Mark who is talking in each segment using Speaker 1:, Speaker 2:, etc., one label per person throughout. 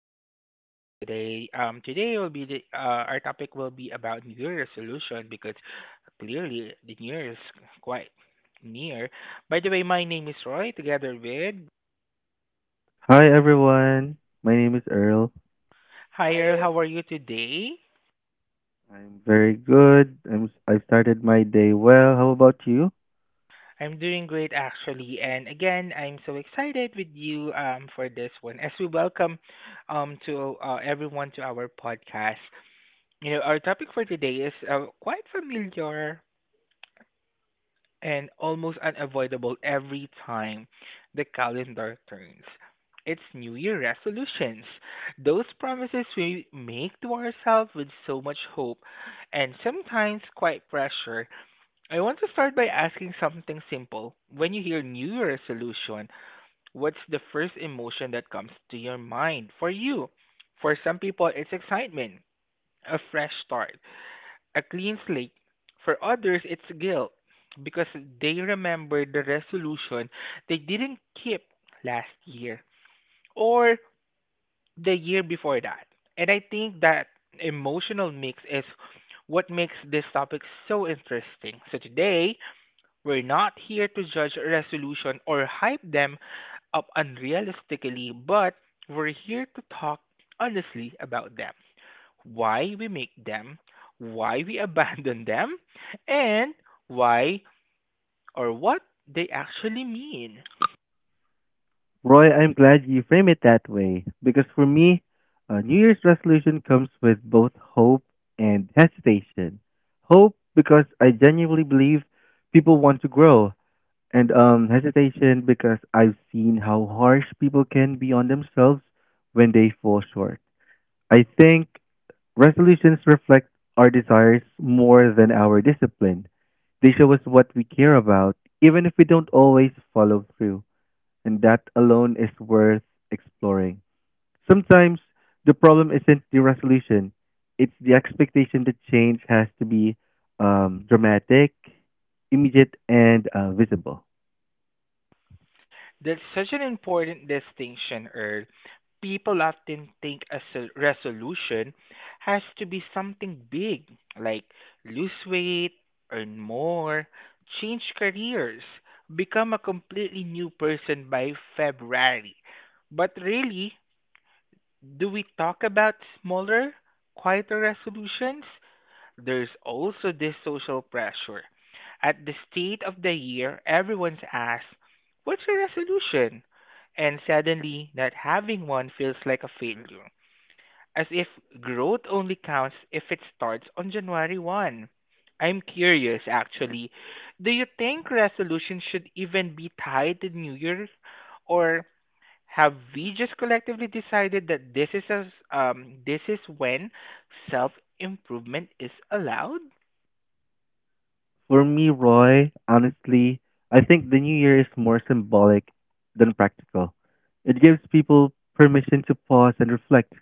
Speaker 1: to our podcast today. Today will be the our topic will be about New Year resolution because clearly the New Year is quite near. By the way, my name is Roy together with.
Speaker 2: Hi everyone. My name is Earl.
Speaker 1: Hi Earl, how are you today?
Speaker 2: I'm very good. I've started my day well. How about you?
Speaker 1: I'm doing great actually, and again I'm so excited with you for this one as we welcome to everyone to our podcast. Our topic for today is quite familiar and almost unavoidable every time the calendar turns. It's New Year resolutions. Those promises we make to ourselves with so much hope and sometimes quite pressure. I want to start by asking something simple. When you hear New Year resolution, what's the first emotion that comes to your mind for you? For some people, it's excitement, a fresh start, a clean slate. For others, it's guilt because they remember the resolution they didn't keep last year or the year before that. And I think that emotional mix is what makes this topic so interesting. So today, we're not here to judge a resolution or hype them up unrealistically, but we're here to talk honestly about them, why we make them, why we abandon them, and why or what they actually mean.
Speaker 2: Roy, I'm glad you frame it that way because for me, a New Year's resolution comes with both hope and hesitation. Hope because I genuinely believe people want to grow, and hesitation because I've seen how harsh people can be on themselves when they fall short. I think resolutions reflect our desires more than our discipline. They show us what we care about, even if we don't always follow through, and that alone is worth exploring. Sometimes the problem isn't the resolution, it's the expectation that change has to be dramatic, immediate, and visible.
Speaker 1: That's such an important distinction, Earl. People often think a resolution has to be something big, like lose weight, earn more, change careers, become a completely new person by February. But really, do we talk about smaller, quieter resolutions? There's also this social pressure. At the state of the year, everyone's asked, "What's your resolution?" And suddenly, not having one feels like a failure, as if growth only counts if it starts on January 1. I'm curious, actually, do you think resolutions should even be tied to New Year's, or have we just collectively decided that this is when self improvement is allowed?
Speaker 2: For me, Roy, honestly, I think the new year is more symbolic than practical. It gives people permission to pause and reflect,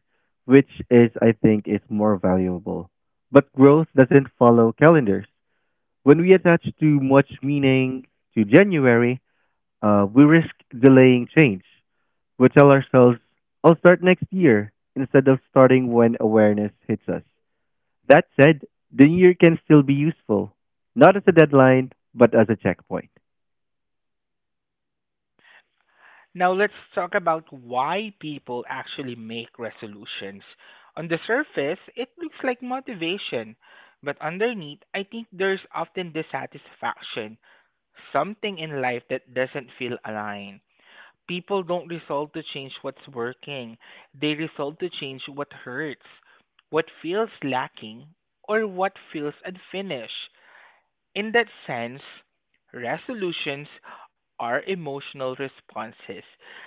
Speaker 2: which is, I think, is more valuable. But growth doesn't follow calendars. When we attach too much meaning to January, we risk delaying change. We tell ourselves, I'll start next year, instead of starting when awareness hits us. That said, the year can still be useful, not as a deadline, but as a checkpoint.
Speaker 1: Now let's talk about why people actually make resolutions. On the surface, it looks like motivation, but underneath, I think there's often dissatisfaction, something in life that doesn't feel aligned. People don't resolve to change what's working, they resolve to change what hurts, what feels lacking, or what feels unfinished. In that sense, resolutions are emotional responses,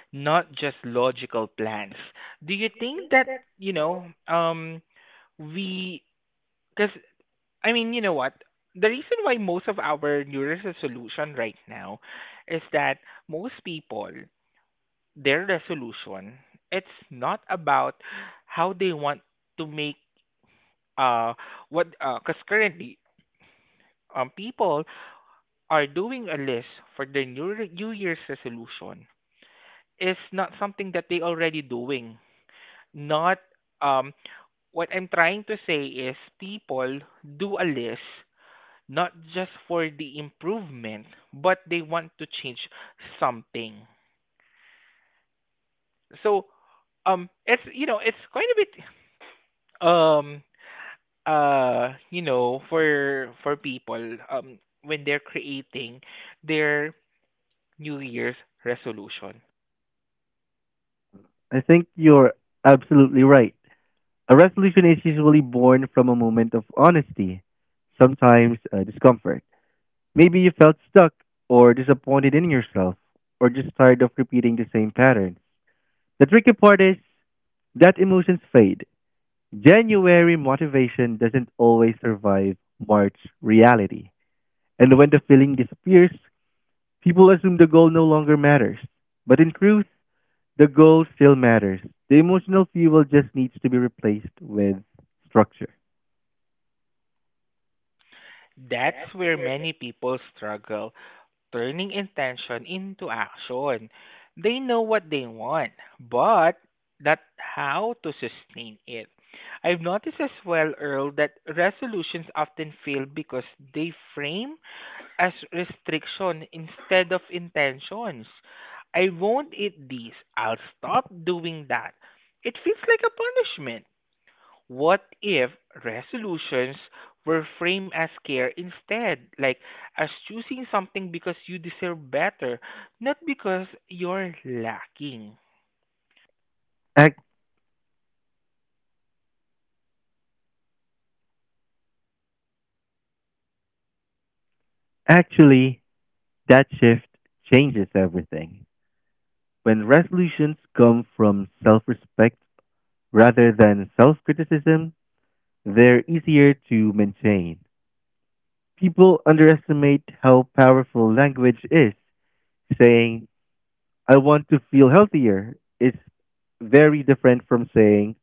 Speaker 1: not just logical plans. Do you think that, we, because, I mean, you know what? The reason why most of our New Year's resolution right now is that most people, their resolution, it's not about how they want to make, uh, what, because currently, people are doing a list for their new year's resolution is not something that they already doing. Not um what I'm trying to say is people do a list not just for the improvement, but they want to change something. So it's, it's quite a bit. um for people, when they're creating their new year's resolution.
Speaker 2: I think you're absolutely right. A resolution is usually born from a moment of honesty, sometimes discomfort. Maybe you felt stuck or disappointed in yourself or just tired of repeating the same patterns. The tricky part is that emotions fade. January motivation doesn't always survive March reality. And when the feeling disappears, people assume the goal no longer matters, but in truth, the goal still matters. The emotional fuel just needs to be replaced with structure.
Speaker 1: That's where many people struggle turning intention into action. They know what they want, but not how to sustain it. I've noticed as well, Earl, that resolutions often fail because they frame as restriction instead of intentions. I won't eat this. I'll stop doing that. It feels like a punishment. What if resolutions were framed as care instead, like as choosing something because you deserve better, not because you're lacking?
Speaker 2: Ac- Actually, that shift changes everything. When resolutions come from self respect rather than self criticism, they're easier to maintain. People underestimate how powerful language is. Saying, I want to feel healthier is very different from saying,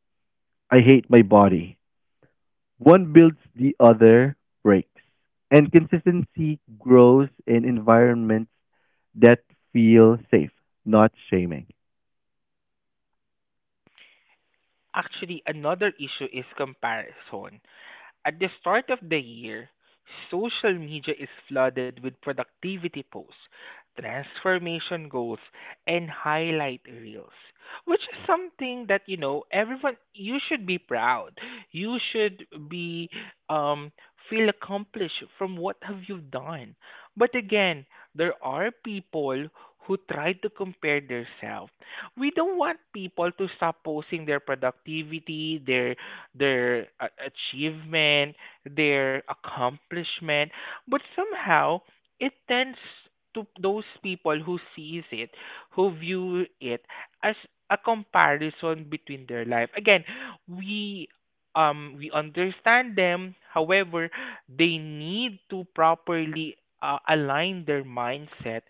Speaker 2: I hate my body. One builds, the other breaks. And consistency grows in environments that feel safe, not shaming.
Speaker 1: Actually, another issue is comparison. At the start of the year, social media is flooded with productivity posts, transformation goals, and highlight reels, which is something that, everyone, you should be proud. You should be um feel accomplished from what have you done. But again, there are people who try to compare themselves. We don't want people to stop posting their productivity, achievement, their accomplishment, but somehow it tends to those people who sees it, who view it as a comparison between their life. Again, we we understand them. However, they need to properly align their mindset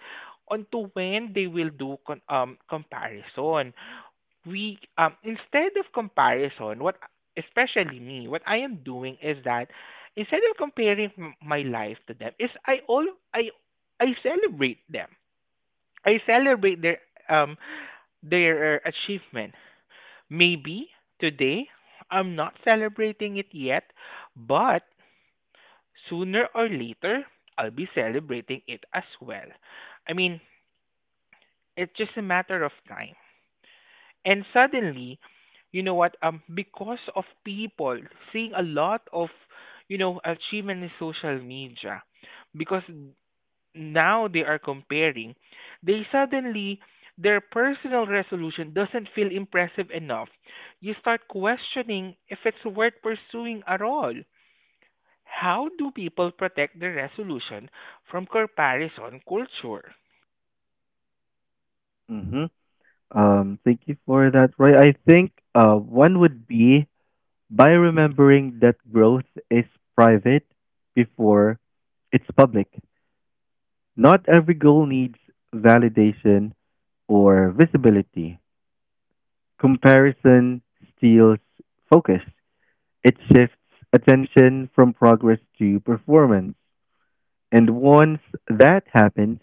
Speaker 1: onto when they will do comparison. We, instead of comparison, what especially me, what I am doing is that instead of comparing my life to them, is I all I I celebrate them. I celebrate um their achievement. Maybe today I'm not celebrating it yet, but sooner or later I'll be celebrating it as well. I mean, it's just a matter of time. And suddenly, you know what, because of people seeing a lot of, achievement in social media, because now they are comparing, they suddenly, their personal resolution doesn't feel impressive enough. You start questioning if it's worth pursuing at all. How do people protect their resolution from comparison culture?
Speaker 2: hmm thank you for that, Roy. I think one would be by remembering that growth is private before it's public. Not every goal needs validation or visibility. Comparison steals focus. It shifts attention from progress to performance. And once that happens,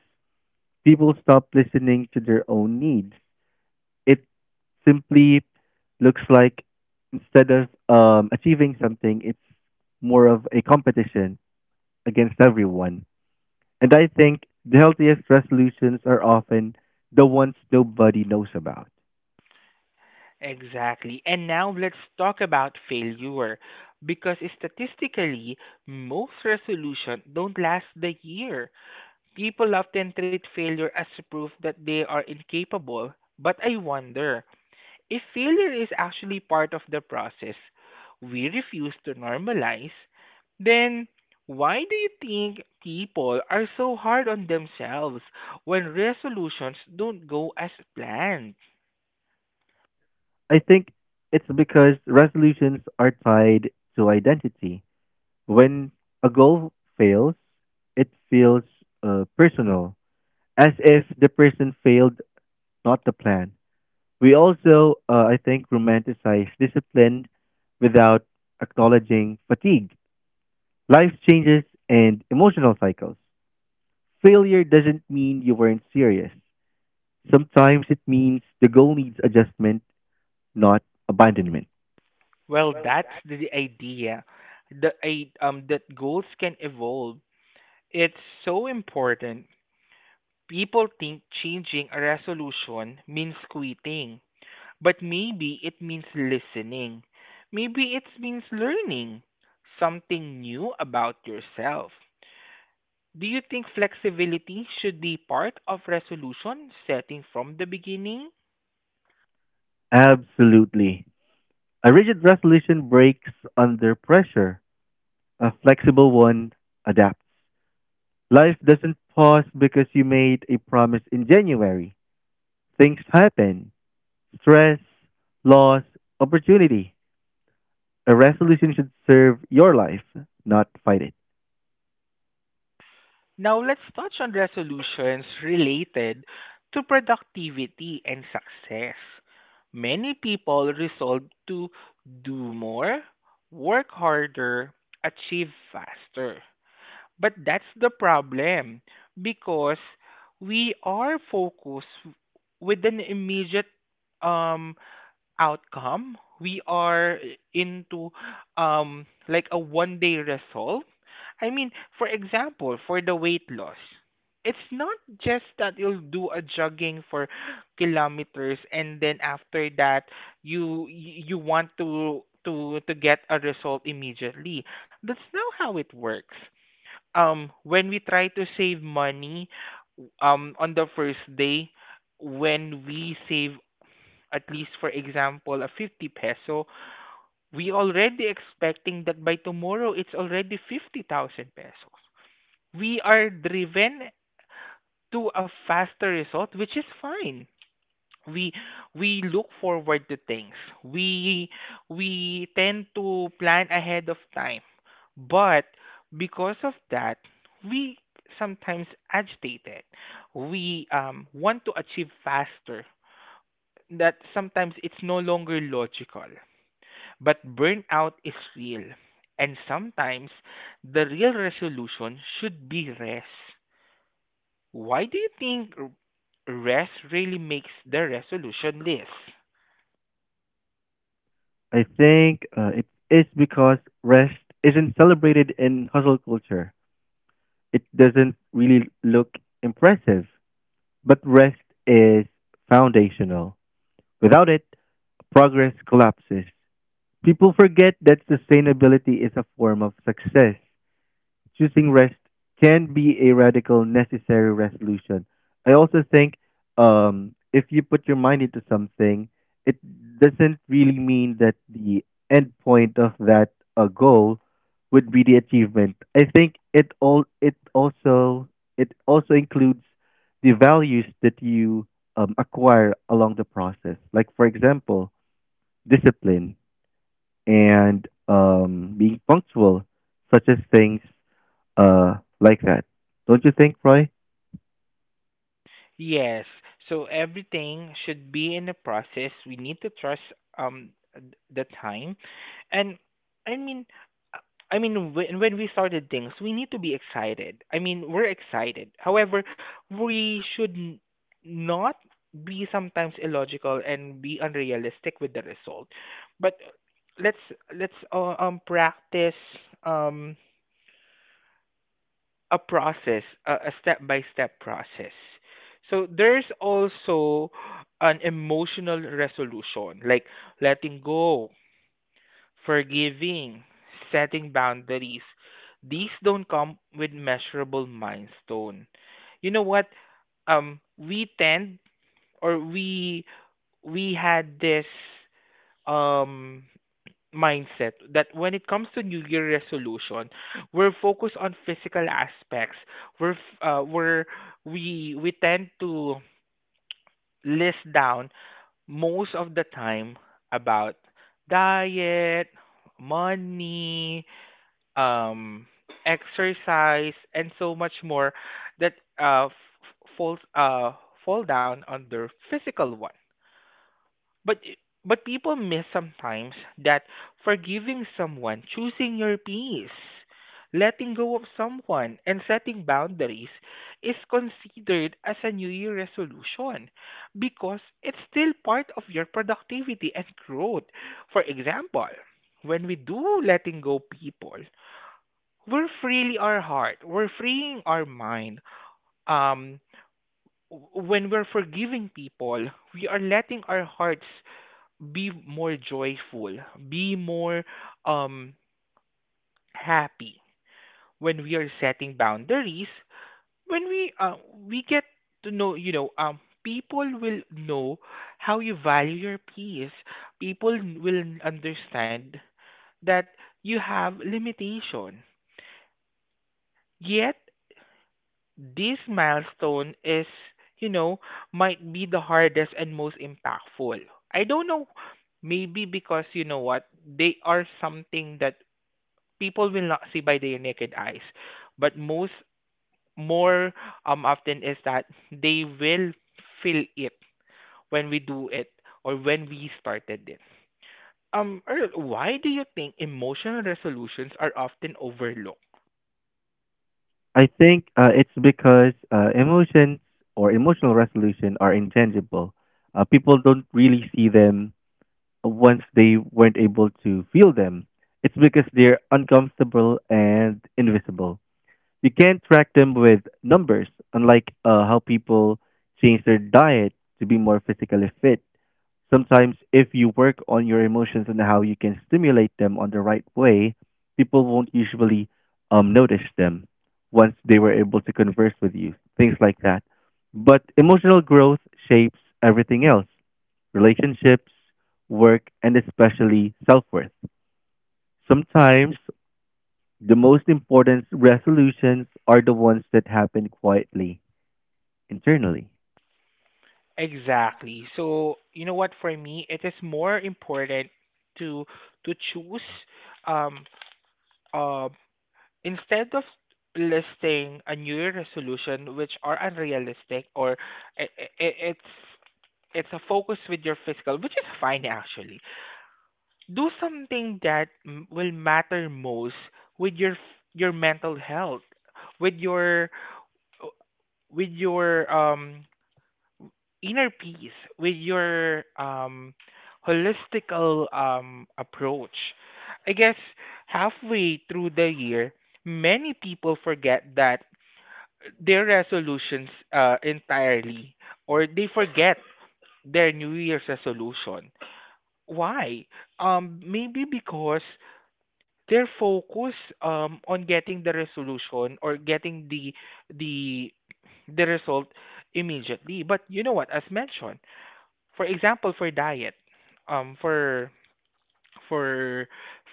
Speaker 2: people stop listening to their own needs. It simply looks like instead of achieving something, it's more of a competition against everyone. And I think the healthiest resolutions are often the ones nobody knows about.
Speaker 1: Exactly. And now let's talk about failure because statistically, most resolutions don't last the year. People often treat failure as proof that they are incapable, but I wonder if failure is actually part of the process we refuse to normalize. Then why do you think people are so hard on themselves when resolutions don't go as planned?
Speaker 2: I think it's because resolutions are tied to identity. When a goal fails, it feels personal, as if the person failed, not the plan. We also, I think, romanticize discipline without acknowledging fatigue, life changes, and emotional cycles. Failure doesn't mean you weren't serious. Sometimes it means the goal needs adjustment, not abandonment.
Speaker 1: Well, that's the idea. That goals can evolve. It's so important. People think changing a resolution means quitting, but maybe it means listening. Maybe it means learning something new about yourself. Do you think flexibility should be part of resolution setting from the beginning?
Speaker 2: Absolutely. A rigid resolution breaks under pressure. A flexible one adapts. Life doesn't pause because you made a promise in January. Things happen: stress, loss, opportunity. A resolution should serve your life, not fight it.
Speaker 1: Now let's touch on resolutions related to productivity and success. Many people resolve to do more, work harder, achieve faster. But that's the problem because we are focused with an immediate um outcome. We are into like a one day resolve. I mean, for example, for the weight loss, it's not just that you'll do a jogging for kilometers and then after that you want to get a result immediately. That's not how it works. When we try to save money on the first day, when we save, at least for example, a 50 peso, we already expecting that by tomorrow it's already 50,000 pesos. We are driven to a faster result, which is fine. We look forward to things. We tend to plan ahead of time, but because of that, we sometimes agitated, we want to achieve faster, that sometimes it's no longer logical. But burnout is real, and sometimes the real resolution should be rest. Why do you think rest really makes the resolution list?
Speaker 2: I think it is because rest isn't celebrated in hustle culture. It doesn't really look impressive, but rest is foundational. Without it, progress collapses. People forget that sustainability is a form of success. Choosing rest can be a radical, necessary resolution. I also think if you put your mind into something, it doesn't really mean that the end point of that goal would be the achievement. I think it also includes the values that you acquire along the process. Like for example, discipline and being punctual, such as things like that. Don't you think, Roy?
Speaker 1: Yes. So everything should be in the process. We need to trust the time. And I mean uh, I mean, when we started things, we need to be excited. I mean, we're excited. However, we should not be sometimes illogical and be unrealistic with the result. But let's let's practice um a process, a step-by-step process. So there's also an emotional resolution, like letting go, forgiving, setting boundaries. These don't come with measurable milestone. You know what? We tend, or we had this um mindset that when it comes to New Year resolution, we're focused on physical aspects. We're f- we're we tend to list down most of the time about diet, money, um, exercise, and so much more that uh f- falls uh fall down under physical one. But people miss sometimes that forgiving someone, choosing your peace, letting go of someone, and setting boundaries is considered as a New Year resolution because it's still part of your productivity and growth. For example, when we do letting go people, we're freeing our heart, we're freeing our mind. Um, when we're forgiving people, we are letting our hearts be more joyful, be more um happy. When we are setting boundaries, when we we get to know, people will know how you value your peace. People will understand that you have limitation. Yet this milestone you know, might be the hardest and most impactful. I don't know, maybe because, you know what, they are something that people will not see by their naked eyes. But most more often is that they will feel it when we do it or when we started it. Earl, why do you think emotional resolutions are often overlooked?
Speaker 2: I think it's because emotions or emotional resolution are intangible. People don't really see them once they weren't able to feel them. It's because they're uncomfortable and invisible. You can't track them with numbers, unlike how people change their diet to be more physically fit. Sometimes, if you work on your emotions and how you can stimulate them on the right way, people won't usually notice them once they were able to converse with you, things like that. But emotional growth shapes everything else: relationships, work, and especially self worth. Sometimes the most important resolutions are the ones that happen quietly, internally.
Speaker 1: Exactly. So you know what? For me, it is more important to choose, um uh, instead of listing a New Year resolution which are unrealistic, or I it's it's a focus with your physical, which is fine actually. Do something that will matter most with your your mental health, with uh, your inner peace, with your holistical approach. I guess halfway through the year, many people forget that their resolutions entirely, or they forget their new year's resolution. Why? Maybe because their focus on getting the resolution or getting the the result immediately. But you know what? As mentioned, for example, for diet, for for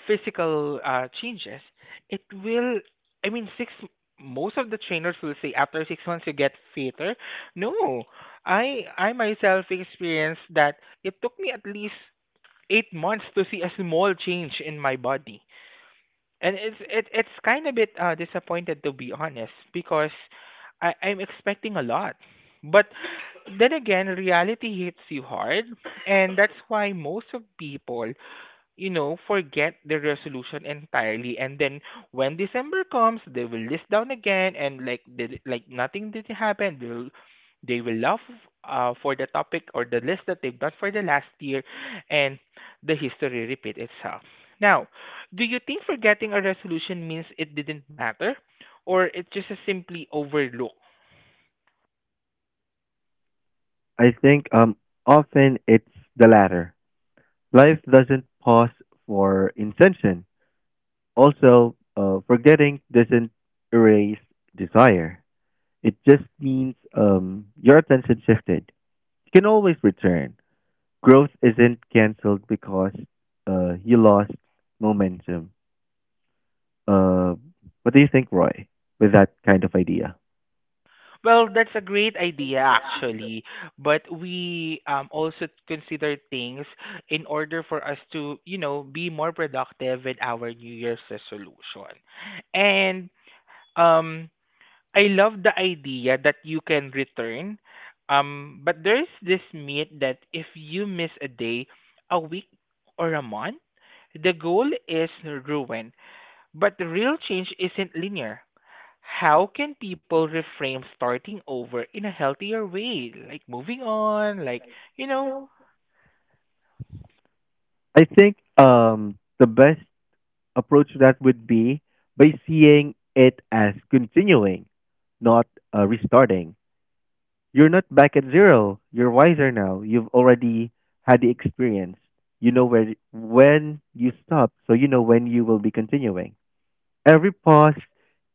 Speaker 1: physical changes, it will. I mean, six. Most of the trainers will say after six months you get fitter. No, I myself experienced that it took me at least eight months to see a small change in my body. And it's kind of bit disappointed to be honest because I'm expecting a lot. But then again, reality hits you hard, and that's why most of people forget the resolution entirely. And then when December comes, they will list down again and like nothing did happen. They will love for the topic or the list that they've done for the last year, and the history repeat itself. Now, do you think forgetting a resolution means it didn't matter, or it's just a simply overlooked?
Speaker 2: I think often it's the latter. Life doesn't pause for intention. Also, forgetting doesn't erase desire. It just means your attention shifted. You can always return. Growth isn't canceled because you lost momentum. Uh, what do you think, Roy, with that kind of idea?
Speaker 1: Well, that's a great idea actually, but we also consider things in order for us to, you know, be more productive with our New Year's resolution. And um I love the idea that you can return. But there's this myth that if you miss a day, a week or a month, the goal is ruined. But the real change isn't linear. How can people reframe starting over in a healthier way, like moving on, like you know
Speaker 2: I think the best approach to that would be by seeing it as continuing, not restarting. You're not back at zero. You're wiser now. You've already had the experience. You know where when you stop, so you know when you will be continuing. Every pause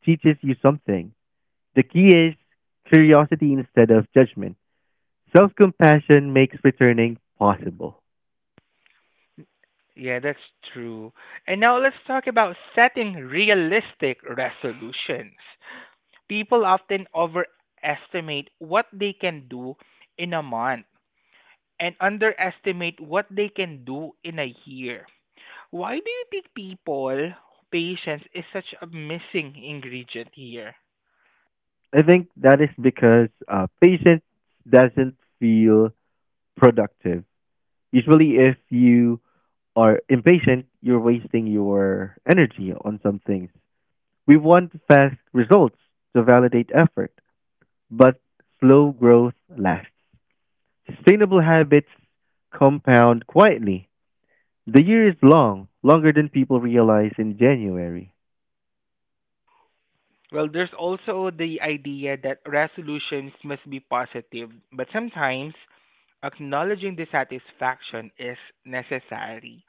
Speaker 2: teaches you something. The key is curiosity instead of judgment. Self compassion makes returning possible.
Speaker 1: yeah, that's true. And now let's talk about setting realistic resolutions. People often overestimate what they can do in a month and underestimate what they can do in a year. Why do you think people, patience is such a missing ingredient here?
Speaker 2: I think that is because patience doesn't feel productive. Usually, if you are impatient, you're wasting your energy on some things. We want fast results to validate effort, but slow growth lasts. Sustainable habits compound quietly. The year is long, longer than people realize in January.
Speaker 1: Well, there's also the idea that resolutions must be positive, but sometimes acknowledging dissatisfaction is necessary.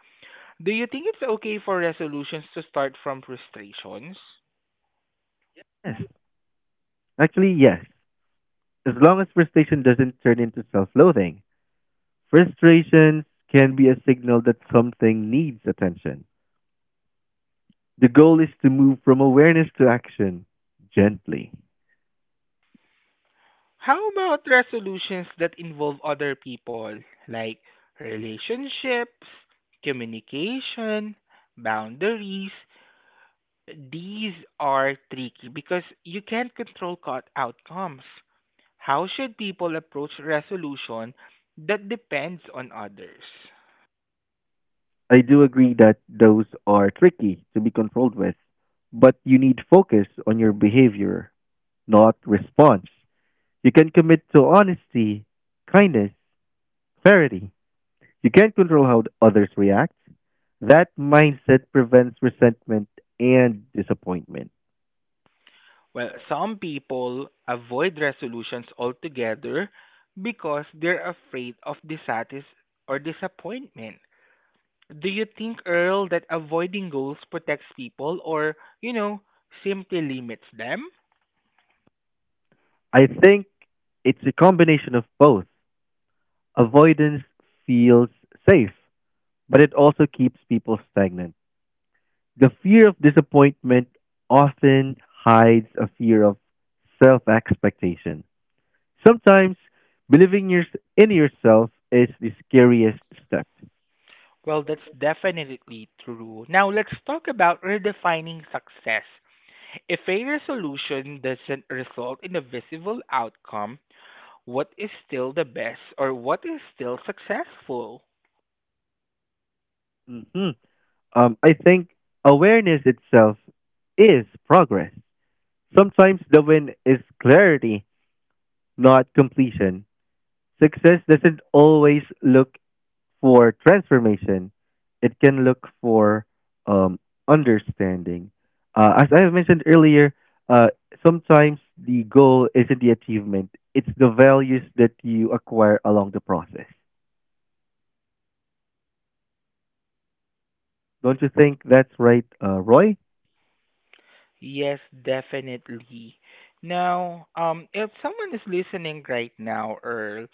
Speaker 1: Do you think it's okay for resolutions to start from frustrations?
Speaker 2: Yes, actually, yes. As long as frustration doesn't turn into self loathing. Frustrations can be a signal that something needs attention. The goal is to move from awareness to action gently.
Speaker 1: How about resolutions that involve other people, like relationships, communication, boundaries? These are tricky because you can't control outcomes. How should people approach resolution that depends on others?
Speaker 2: I do agree that those are tricky to be controlled with, but you need focus on your behavior, not response. You can commit to honesty, kindness, clarity. You can't control how others react. That mindset prevents resentment and disappointment.
Speaker 1: Well, some people avoid resolutions altogether because they're afraid of dissatis or disappointment. Do you think, Earl, that avoiding goals protects people or, you know, simply limits them?
Speaker 2: I think it's a combination of both. Avoidance feels safe, but it also keeps people stagnant. The fear of disappointment often hides a fear of self expectation. Sometimes believing your, in yourself is the scariest step.
Speaker 1: Well, that's definitely true. Now, let's talk about redefining success. If a resolution doesn't result in a visible outcome, what is still the best or what is still successful?
Speaker 2: hmm I think awareness itself is progress. Sometimes the win is clarity, not completion. Success doesn't always look for transformation. It can look for um, understanding. As I have mentioned earlier, uh, sometimes the goal isn't the achievement; it's the values that you acquire along the process. Don't you think that's right, Roy?
Speaker 1: Yes, definitely. Now, if someone is listening right now, Earl,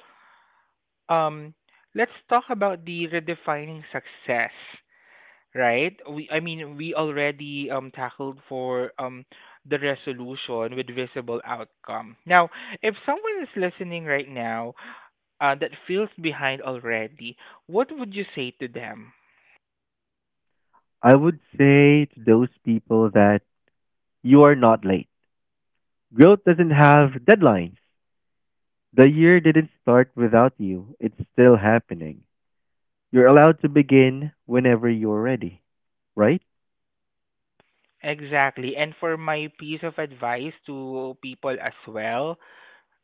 Speaker 1: um, let's talk about the redefining success, right? I mean, we already tackled for the resolution with visible outcome. Now, if someone is listening right now that feels behind already, what would you say to them?
Speaker 2: I would say to those people that you are not late. Growth doesn't have deadlines. The year didn't start without you. It's still happening. You're allowed to begin whenever you're ready, right?
Speaker 1: Exactly. And for my piece of advice to people as well,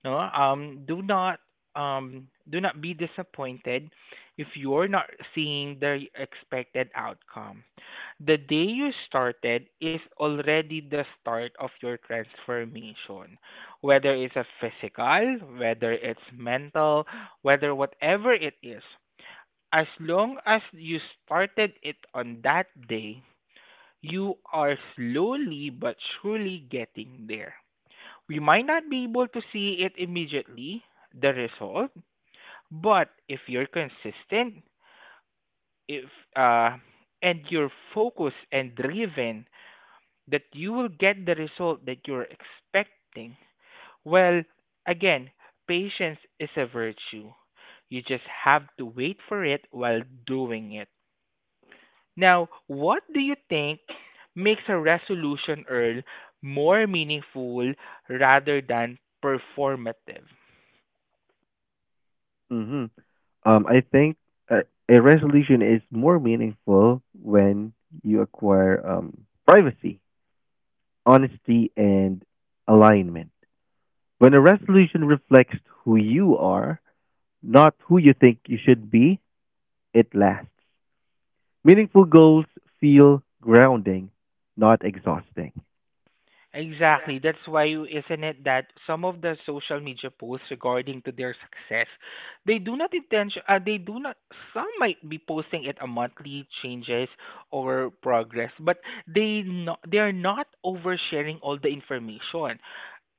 Speaker 1: no, do not be disappointed if you're not seeing the expected outcome. The day you started is already the start of your transformation. Whether it's a physical, whether it's mental, whether whatever it is, as long as you started it on that day, you are slowly but surely getting there. We might not be able to see it immediately, the result, but if you're consistent, if uh, and you're focused and driven, that you will get the result that you're expecting. Well, again, patience is a virtue. You just have to wait for it while doing it. Now, what do you think makes a resolution, Earl, more meaningful rather than performative?
Speaker 2: Mm-hmm. I think a, a resolution is more meaningful when you acquire privacy, honesty, and alignment. When a resolution reflects who you are, not who you think you should be, it lasts. Meaningful goals feel grounding, not exhausting.
Speaker 1: Exactly. That's why, isn't it, that some of the social media posts regarding to their success, they do not intention, they do not. Some might be posting it a monthly changes or progress, but they no, they are not oversharing all the information.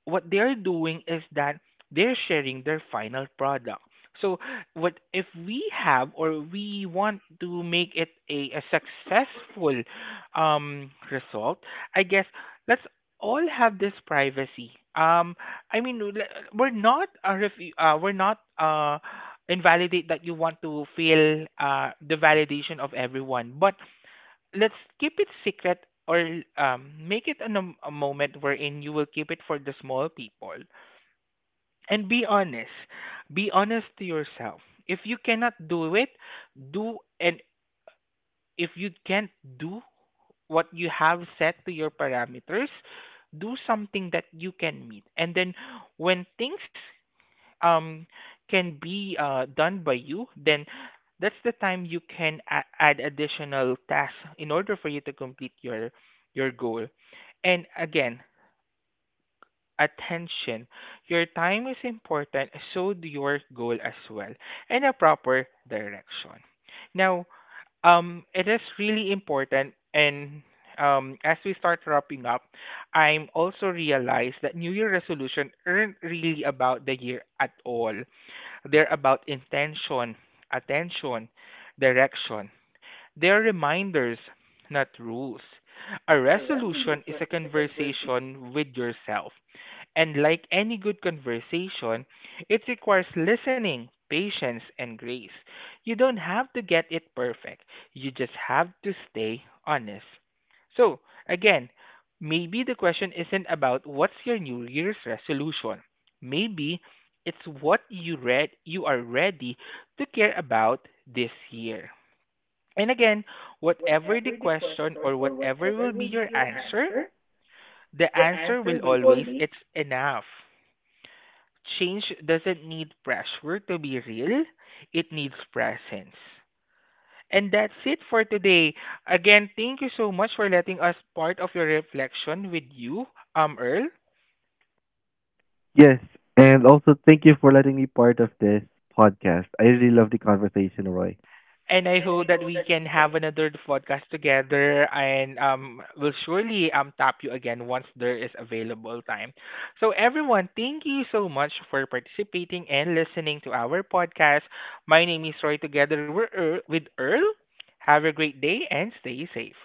Speaker 1: What they're doing is that they're sharing their final product. So what if we have or we want to make it a successful result, I guess let's all have this privacy. I mean we're not a we're not invalidate that you want to feel the validation of everyone. But let's keep it secret or make it a moment wherein you will keep it for the small people and be honest, be honest to yourself. If you cannot do it do and if you can't do what you have set to your parameters, do something that you can meet. And then when things um can be done by you, then that's the time you can add additional tasks in order for you to complete your goal. And again, attention. Your time is important, so do your goal as well, and a proper direction. Now, it is really important, and as we start wrapping up, I'm also realized that New Year resolution aren't really about the year at all. They're about intention, attention, direction. They are reminders, not rules. A resolution is a conversation with yourself. And like any good conversation, it requires listening, patience, and grace. You don't have to get it perfect, you just have to stay honest. So, again, maybe the question isn't about what's your New Year's resolution. Maybe it's what you read you are ready to care about this year. And again, whatever the question or whatever will be your answer, the answer will always it's enough. Change doesn't need pressure to be real, it needs presence. And that's it for today. Again, thank you so much for letting us part of your reflection with you, Earl.
Speaker 2: Yes, and also thank you for letting me part of this podcast. I really love the conversation, Roy.
Speaker 1: And I hope that we can have another podcast together and will surely tap you again once there is available time. So everyone, thank you so much for participating and listening to our podcast. My name is Roy, together we're Earl, with Earl. Have a great day and stay safe.